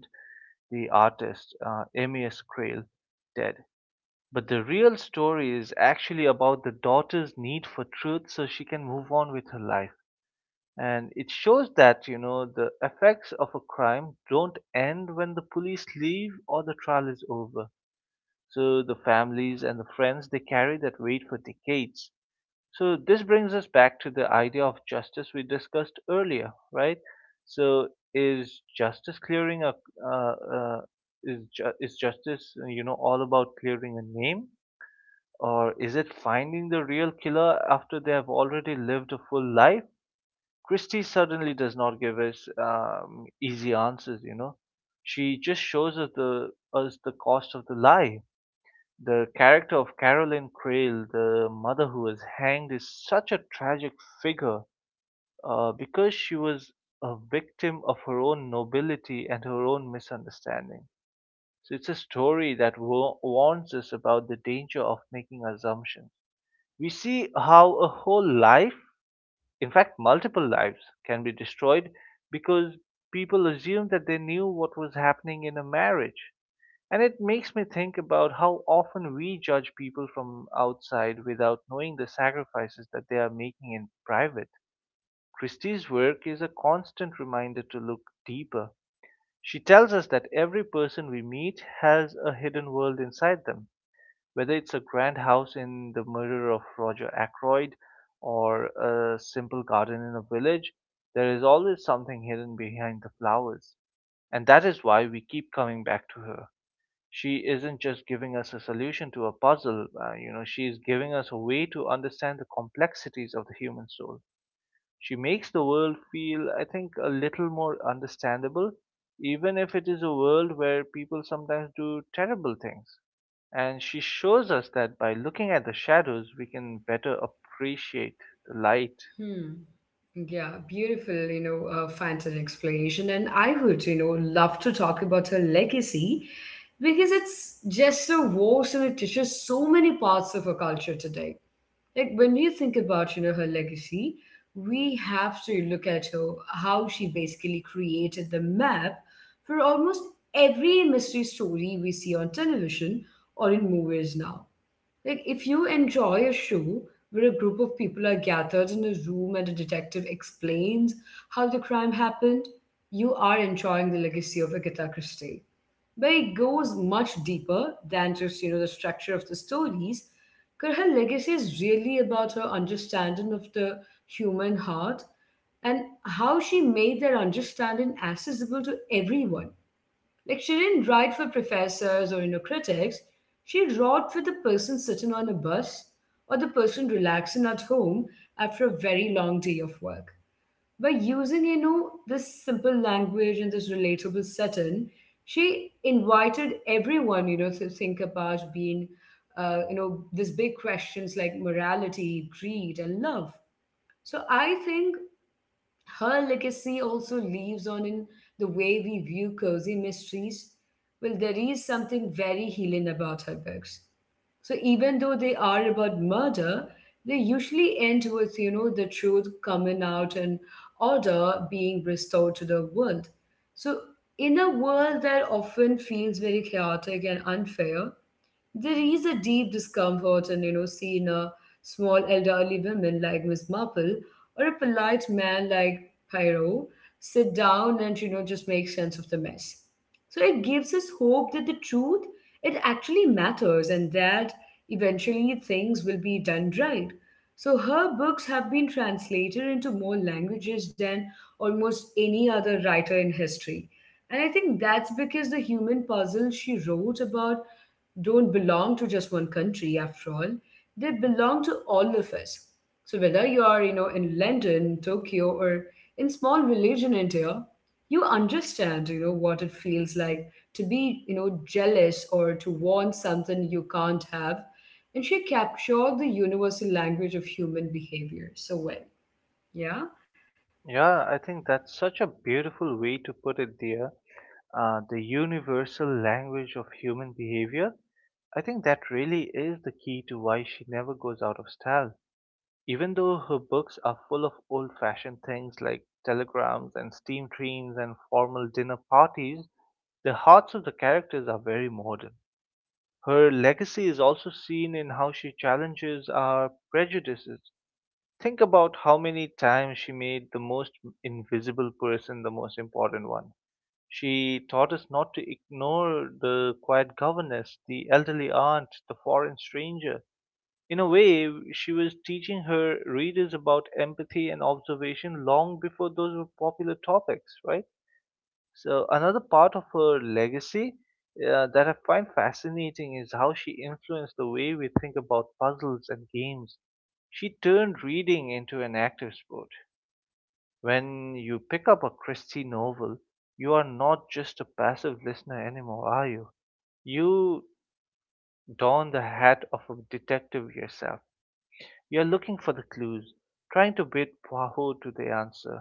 the artist, Emmy Crail, dead. But the real story is actually about the daughter's need for truth so she can move on with her life. And it shows that, you know, the effects of a crime don't end when the police leave or the trial is over. So the families and the friends, they carry that weight for decades. So this brings us back to the idea of justice we discussed earlier, right? So is justice clearing a, uh, uh, is justice, you know, all about clearing a name? Or is it finding the real killer after they have already lived a full life? Christie suddenly does not give us easy answers, you know. She just shows us us the cost of the lie. The character of Caroline Crail, the mother who was hanged, is such a tragic figure because she was a victim of her own nobility and her own misunderstanding. So it's a story that warns us about the danger of making assumptions. We see how a whole life, in fact, multiple lives, can be destroyed because people assumed that they knew what was happening in a marriage. And it makes me think about how often we judge people from outside without knowing the sacrifices that they are making in private. Christie's work is a constant reminder to look deeper. She tells us that every person we meet has a hidden world inside them, whether it's a grand house in The Murder of Roger Ackroyd or a simple garden in a village, there is always something hidden behind the flowers. And that is why we keep coming back to her. She isn't just giving us a solution to a puzzle, you know, she is giving us a way to understand the complexities of the human soul. She makes the world feel, I think, a little more understandable, even if it is a world where people sometimes do terrible things. And she shows us that by looking at the shadows, we can better appreciate the light. Hmm. Yeah, beautiful, fantasy explanation. And I would, love to talk about her legacy because it's just so vast and it touches so many parts of our culture today. Like when we think about, her legacy, we have to look at her, how she basically created the map for almost every mystery story we see on television or in movies now. Like, if you enjoy a show where a group of people are gathered in a room and a detective explains how the crime happened, you are enjoying the legacy of Agatha Christie. But it goes much deeper than just, the structure of the stories, because her legacy is really about her understanding of the human heart and how she made that understanding accessible to everyone. Like she didn't write for professors or critics. She wrote for the person sitting on a bus or the person relaxing at home after a very long day of work. By using, this simple language and this relatable setting, she invited everyone, to think about being, these big questions like morality, greed, and love. So I think her legacy also lives on in the way we view cozy mysteries. Well, there is something very healing about her books. So even though they are about murder, they usually end with, the truth coming out and order being restored to the world. So in a world that often feels very chaotic and unfair, there is a deep discomfort and seeing a small elderly woman like Miss Marple or a polite man like Pyro sit down and just make sense of the mess. So it gives us hope that the truth, it actually matters, and that eventually things will be done right. So her books have been translated into more languages than almost any other writer in history, and I think that's because the human puzzle she wrote about don't belong to just one country. After all, they belong to all of us. So whether you are in London, Tokyo, or in small village in India, you understand what it feels like to be jealous or to want something you can't have. And she captured the universal language of human behavior so well. Yeah. Yeah, I think that's such a beautiful way to put it, dear. The universal language of human behavior. I think that really is the key to why she never goes out of style. Even though her books are full of old-fashioned things like telegrams and steam trains and formal dinner parties, the hearts of the characters are very modern. Her legacy is also seen in how she challenges our prejudices. Think about how many times she made the most invisible person the most important one. She taught us not to ignore the quiet governess, the elderly aunt, the foreign stranger. In a way, she was teaching her readers about empathy and observation long before those were popular topics, right? So another part of her legacy that I find fascinating is how she influenced the way we think about puzzles and games. She turned reading into an active sport. When you pick up a Christie novel, you are not just a passive listener anymore, are you? You don the hat of a detective yourself. You are looking for the clues, trying to bid Poirot to the answer.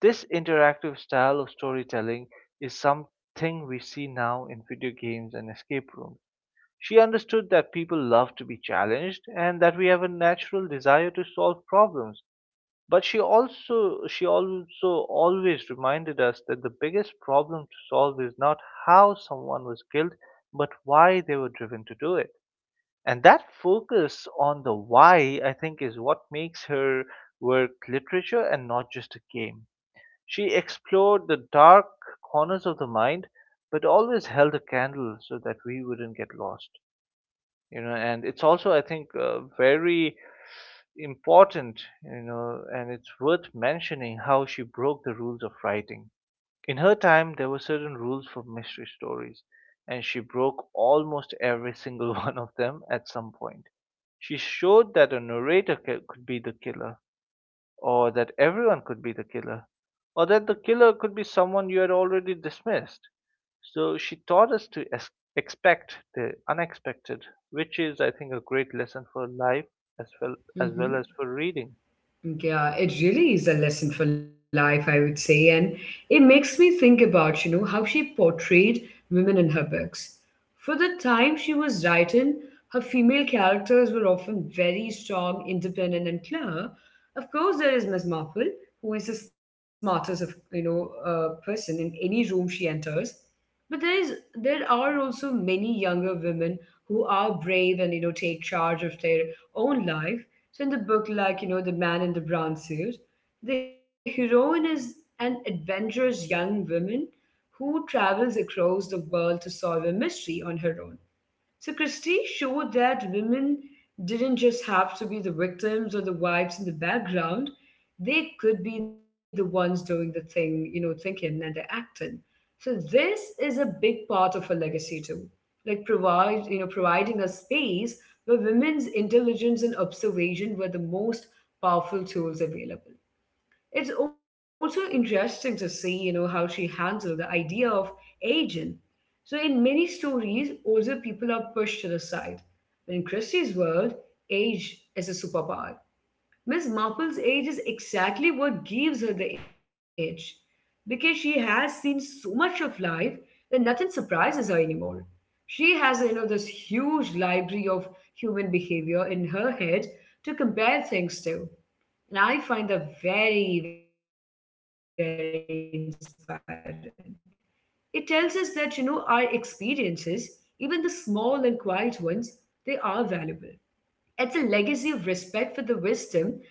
This interactive style of storytelling is something we see now in video games and escape rooms. She understood that people love to be challenged and that we have a natural desire to solve problems. But she also always reminded us that the biggest problem to solve is not how someone was killed, but why they were driven to do it. And that focus on the why, I think, is what makes her work literature and not just a game. She explored the dark corners of the mind, but always held a candle so that we wouldn't get lost. You know, and it's also, I think, very important, you know, and it's worth mentioning how she broke the rules of writing. In her time, there were certain rules for mystery stories, and she broke almost every single one of them at some point. She showed that a narrator could be the killer, or that everyone could be the killer, or that the killer could be someone you had already dismissed. So she taught us to expect the unexpected, which is, I think, a great lesson for life as well Mm-hmm. As for reading. Yeah, it really is a lesson for life, I would say. And it makes me think about, how she portrayed women in her books. For the time she was writing, her female characters were often very strong, independent, and clear. Of course, there is Miss Marple, who is the smartest of, person in any room she enters. But there are also many younger women who are brave and take charge of their own life. So in the book, like the man in the brown suit, the heroine is an adventurous young woman who travels across the world to solve a mystery on her own. So Christie showed that women didn't just have to be the victims or the wives in the background. They could be the ones doing the thing, thinking and the acting. So this is a big part of her legacy too. Like provide, providing a space where women's intelligence and observation were the most powerful tools available. It's also interesting to see, how she handled the idea of aging. So in many stories, older people are pushed to the side. But in Christie's world, age is a superpower. Miss Marple's age is exactly what gives her the edge because she has seen so much of life that nothing surprises her anymore. She has, this huge library of human behavior in her head to compare things to. And I find that very, very inspiring. It tells us that, our experiences, even the small and quiet ones, they are valuable. It's a legacy of respect for the wisdom that comes with time.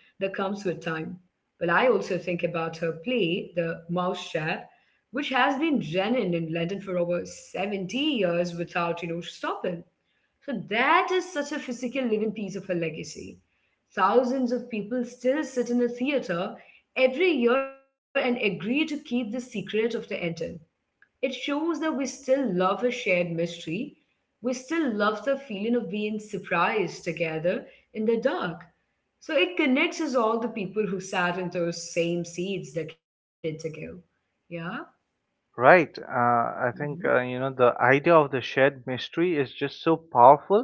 Well, I also think about her play, The Mouse Trap, which has been running in London for over 70 years without, stopping. So that is such a physical living piece of her legacy. Thousands of people still sit in the theater every year and agree to keep the secret of the ending. It shows that we still love a shared mystery. We still love the feeling of being surprised together in the dark. So it connects us all the people who sat in those same seats decades ago. Yeah. Right. I think you know the idea of the shared mystery is just so powerful.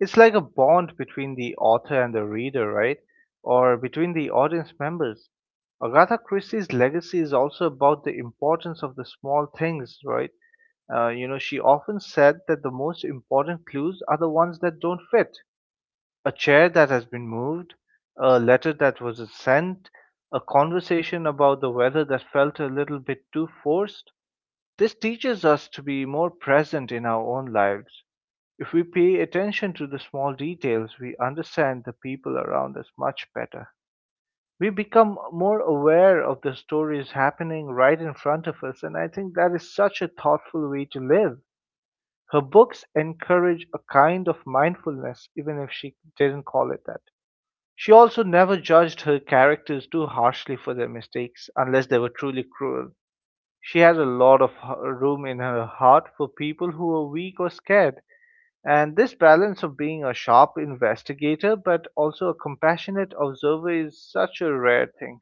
It's like a bond between the author and the reader, right? Or between the audience members. Agatha Christie's legacy is also about the importance of the small things, right? You know, she often said that the most important clues are the ones that don't fit. A chair that has been moved, a letter that was sent, a conversation about the weather that felt a little bit too forced. This teaches us to be more present in our own lives. If we pay attention to the small details, we understand the people around us much better. We become more aware of the stories happening right in front of us, and I think that is such a thoughtful way to live. Her books encourage a kind of mindfulness, even if she didn't call it that. She also never judged her characters too harshly for their mistakes, unless they were truly cruel. She has a lot of room in her heart for people who are weak or scared, and this balance of being a sharp investigator but also a compassionate observer is such a rare thing.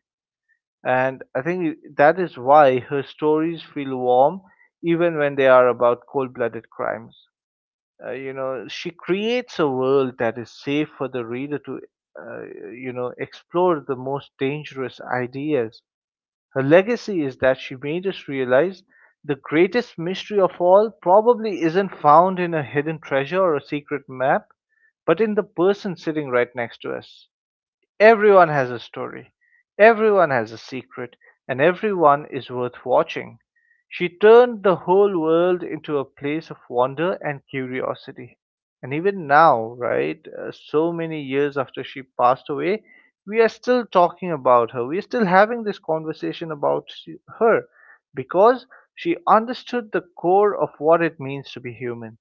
And I think that is why her stories feel warm even when they are about cold blooded crimes. You know, she creates a world that is safe for the reader to, uh, you know, explore the most dangerous ideas. Her legacy is that she made us realize the greatest mystery of all probably isn't found in a hidden treasure or a secret map, but in the person sitting right next to us. Everyone has a story, everyone has a secret, and everyone is worth watching. She turned the whole world into a place of wonder and curiosity. And even now, right, so many years after she passed away, we are still talking about her. We are still having this conversation about her because she understood the core of what it means to be human.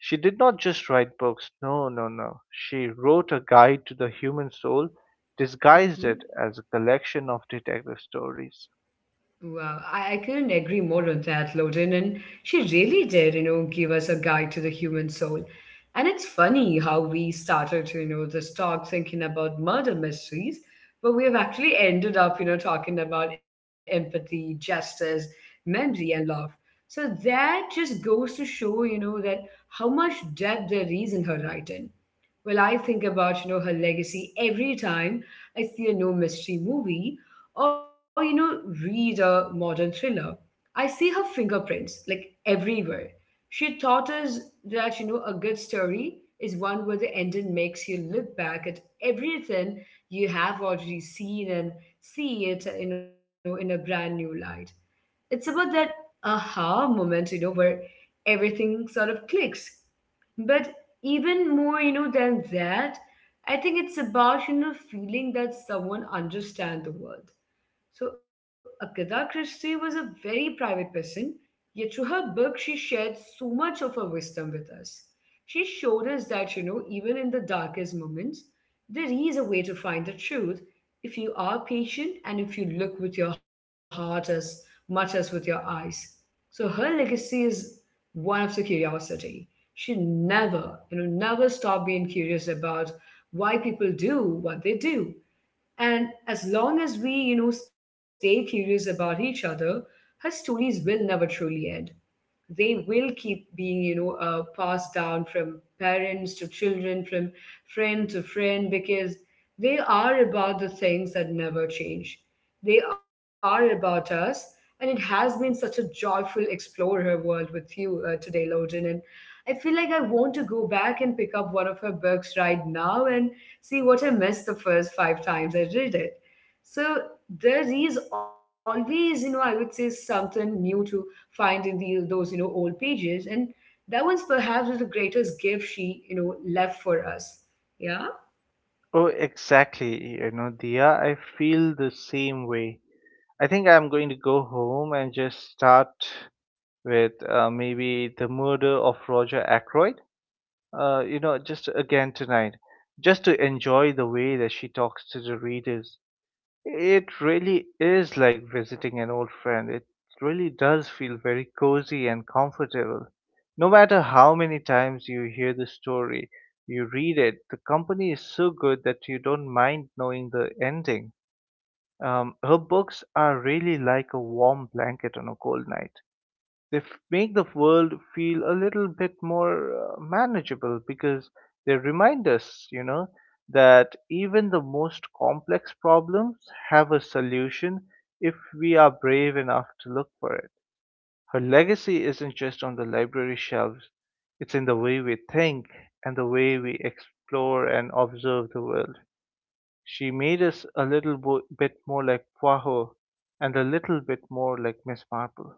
She did not just write books. No, no, no. She wrote a guide to the human soul, disguised it Hmm. as a collection of detective stories. Wow, I couldn't agree more on that, Loden. And she really did, give us a guide to the human soul. And it's funny how we started to, this talk thinking about murder mysteries, but we have actually ended up, talking about empathy, justice, memory, and love. So that just goes to show, that how much depth there is in her writing. Well, I think about, her legacy every time I see a no mystery movie or read a modern thriller. I see her fingerprints like everywhere. She taught us that a good story is one where the ending makes you look back at everything you have already seen and see it in a brand new light. It's about that aha moment, where everything sort of clicks. But even more, than that, I think it's about feeling that someone understands the world. So Agatha Christie was a very private person, yet through her book she shared so much of her wisdom with us. She showed us that, even in the darkest moments, there is a way to find the truth if you are patient and if you look with your heart as much as with your eyes. So her legacy is one of the curiosity. She never, never stopped being curious about why people do what they do. And as long as we, stay curious about each other, her stories will never truly end. They will keep being passed down from parents to children, from friend to friend, because they are about the things that never change. They are about us. And it has been such a joyful explore her world with you, today, Loden, and I feel like I want to go back and pick up one of her books right now and see what I missed the first five times I read it. So there is always, I would say, something new to find in the, those, old pages. And that one's perhaps is the greatest gift she, left for us. Yeah. Oh, exactly. You know, Dia, I feel the same way. I think I'm going to go home and just start with maybe The Murder of Roger Ackroyd. You know, just again tonight, just to enjoy the way that she talks to the readers. It really is like visiting an old friend. It really does feel very cozy and comfortable. No matter how many times you hear the story, you read it, the company is so good that you don't mind knowing the ending. Her books are really like a warm blanket on a cold night. They make the world feel a little bit more manageable because they remind us, you know, that even the most complex problems have a solution if we are brave enough to look for it. Her legacy isn't just on the library shelves, it's in the way we think and the way we explore and observe the world. She made us a little bit more like Poirot and a little bit more like Miss Marple.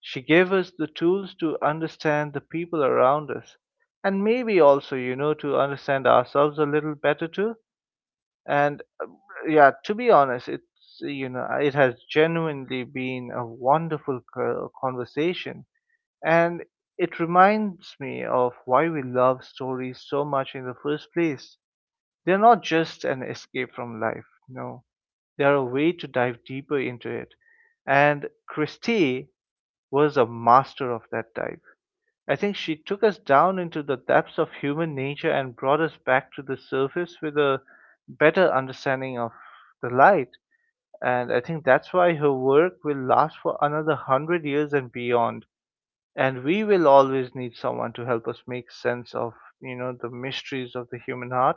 She gave us the tools to understand the people around us, and maybe also, you know, to understand ourselves a little better too. And yeah, to be honest, it's you know, it has genuinely been a wonderful conversation, and it reminds me of why we love stories so much in the first place. They're not just an escape from life, no, they're a way to dive deeper into it. And Christie was a master of that type. I think she took us down into the depths of human nature and brought us back to the surface with a better understanding of the light. And I think that's why her work will last for another hundred years and beyond. And we will always need someone to help us make sense of, you know, the mysteries of the human heart.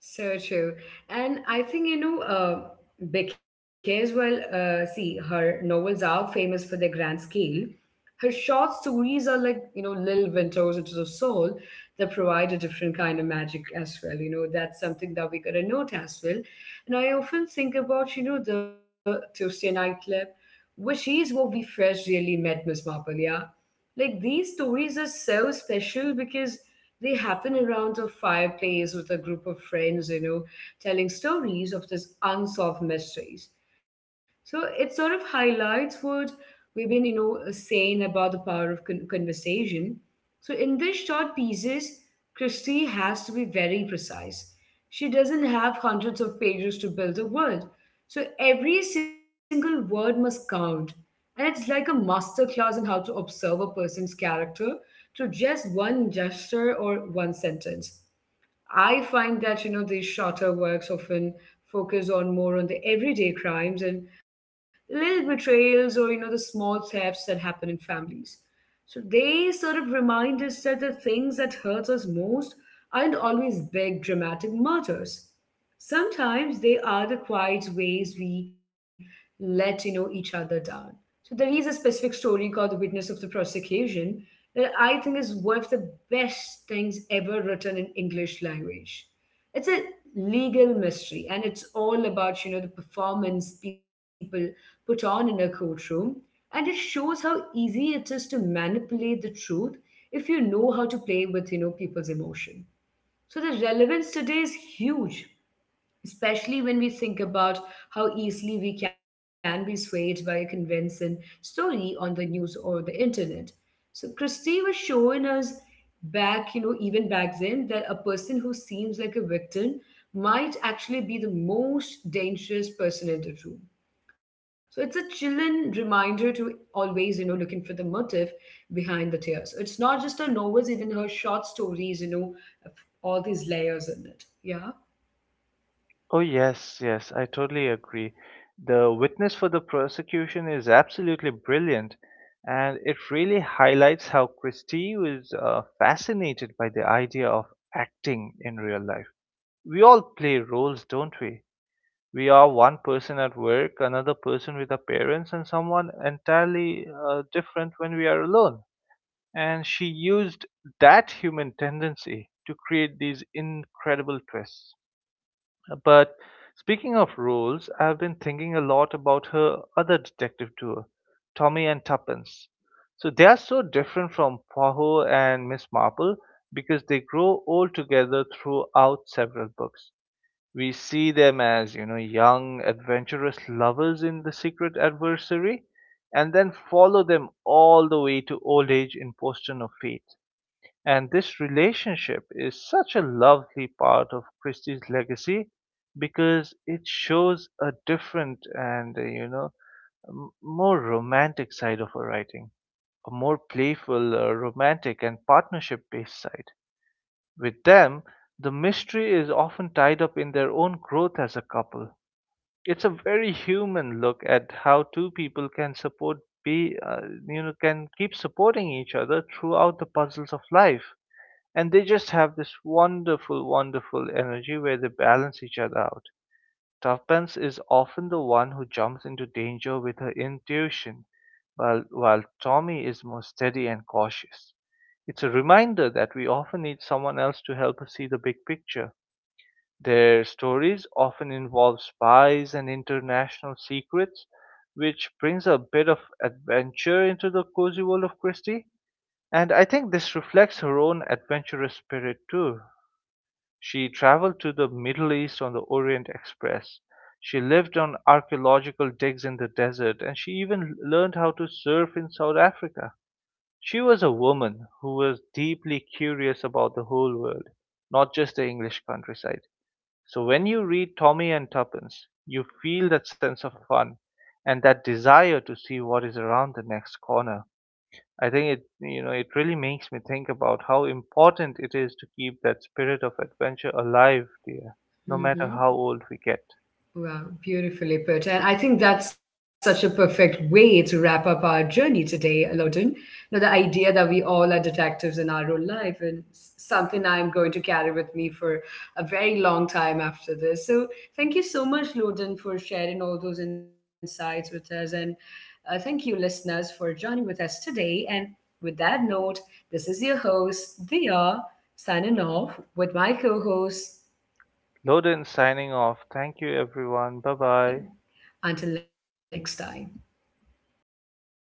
So true. And I think, because, see, her novels are famous for their grand scale. Her short stories are like, Lil Winter's Into the Soul, that provide a different kind of magic as well. You know, that's something that we gotta note as well. And I often think about, the Tuesday Night Club, which is where we first really met Miss Marple, yeah? Like these stories are so special because they happen around a fireplace with a group of friends, telling stories of these unsolved mysteries. So it sort of highlights what we've been, saying about the power of conversation. So, in these short pieces, Christie has to be very precise. She doesn't have hundreds of pages to build a world. So, every single word must count. And it's like a master class in how to observe a person's character through just one gesture or one sentence. I find that these shorter works often focus on more on the everyday crimes and little betrayals, or the small thefts that happen in families. So they sort of remind us that the things that hurt us most aren't always big dramatic murders. Sometimes they are the quiet ways we let each other down. So there is a specific story called The Witness of the Prosecution that I think is one of the best things ever written in English language. It's a legal mystery, and it's all about the performance people put on in a courtroom, and it shows how easy it is to manipulate the truth if you know how to play with people's emotion. So the relevance today is huge, especially when we think about how easily we can be swayed by a convincing story on the news or the internet. So Christie was showing us back, even back then, that a person who seems like a victim might actually be the most dangerous person in the room. So it's a chilling reminder to always, looking for the motive behind the tears. It's not just her novels, even her short stories, have all these layers in it. Yeah. Oh, yes, yes, I totally agree. The Witness for the Prosecution is absolutely brilliant, and it really highlights how Christie was fascinated by the idea of acting in real life. We all play roles, don't we? We are one person at work, another person with our parents, and someone entirely different when we are alone. And she used that human tendency to create these incredible twists. But speaking of roles, I've been thinking a lot about her other detective tour, Tommy and Tuppence. So they are so different from Poirot and Miss Marple because they grow old together throughout several books. We see them as, you know, young, adventurous lovers in The Secret Adversary, and then follow them all the way to old age in Postern of Fate. And this relationship is such a lovely part of Christie's legacy because it shows a different and, you know, more romantic side of her writing, a more playful, romantic, and partnership based side. With them, the mystery is often tied up in their own growth as a couple. It's a very human look at how two people can support be you know can keep supporting each other throughout the puzzles of life. And they just have this wonderful energy where they balance each other out. Tuppence is often the one who jumps into danger with her intuition, while Tommy is more steady and cautious. It's a reminder that we often need someone else to help us see the big picture. Their stories often involve spies and international secrets, which brings a bit of adventure into the cozy world of Christie. And I think this reflects her own adventurous spirit too. She traveled to the Middle East on the Orient Express. She lived on archaeological digs in the desert, and she even learned how to surf in South Africa. She was a woman who was deeply curious about the whole world, not just the English countryside. So when you read Tommy and Tuppence, you feel that sense of fun and that desire to see what is around the next corner. I think it, you know, it really makes me think about how important it is to keep that spirit of adventure alive, dear, no matter how Mm-hmm. old we get. Wow, beautifully put. And I think that's such a perfect way to wrap up our journey today, Loden. You know, the idea that we all are detectives in our own life and something I'm going to carry with me for a very long time after this. So thank you so much, Loden, for sharing all those insights with us. And thank you, listeners, for joining with us today. And with that note, this is your host, Dia, signing off with my co-host. Loden signing off. Thank you, everyone. Bye bye. Thing. Until next time.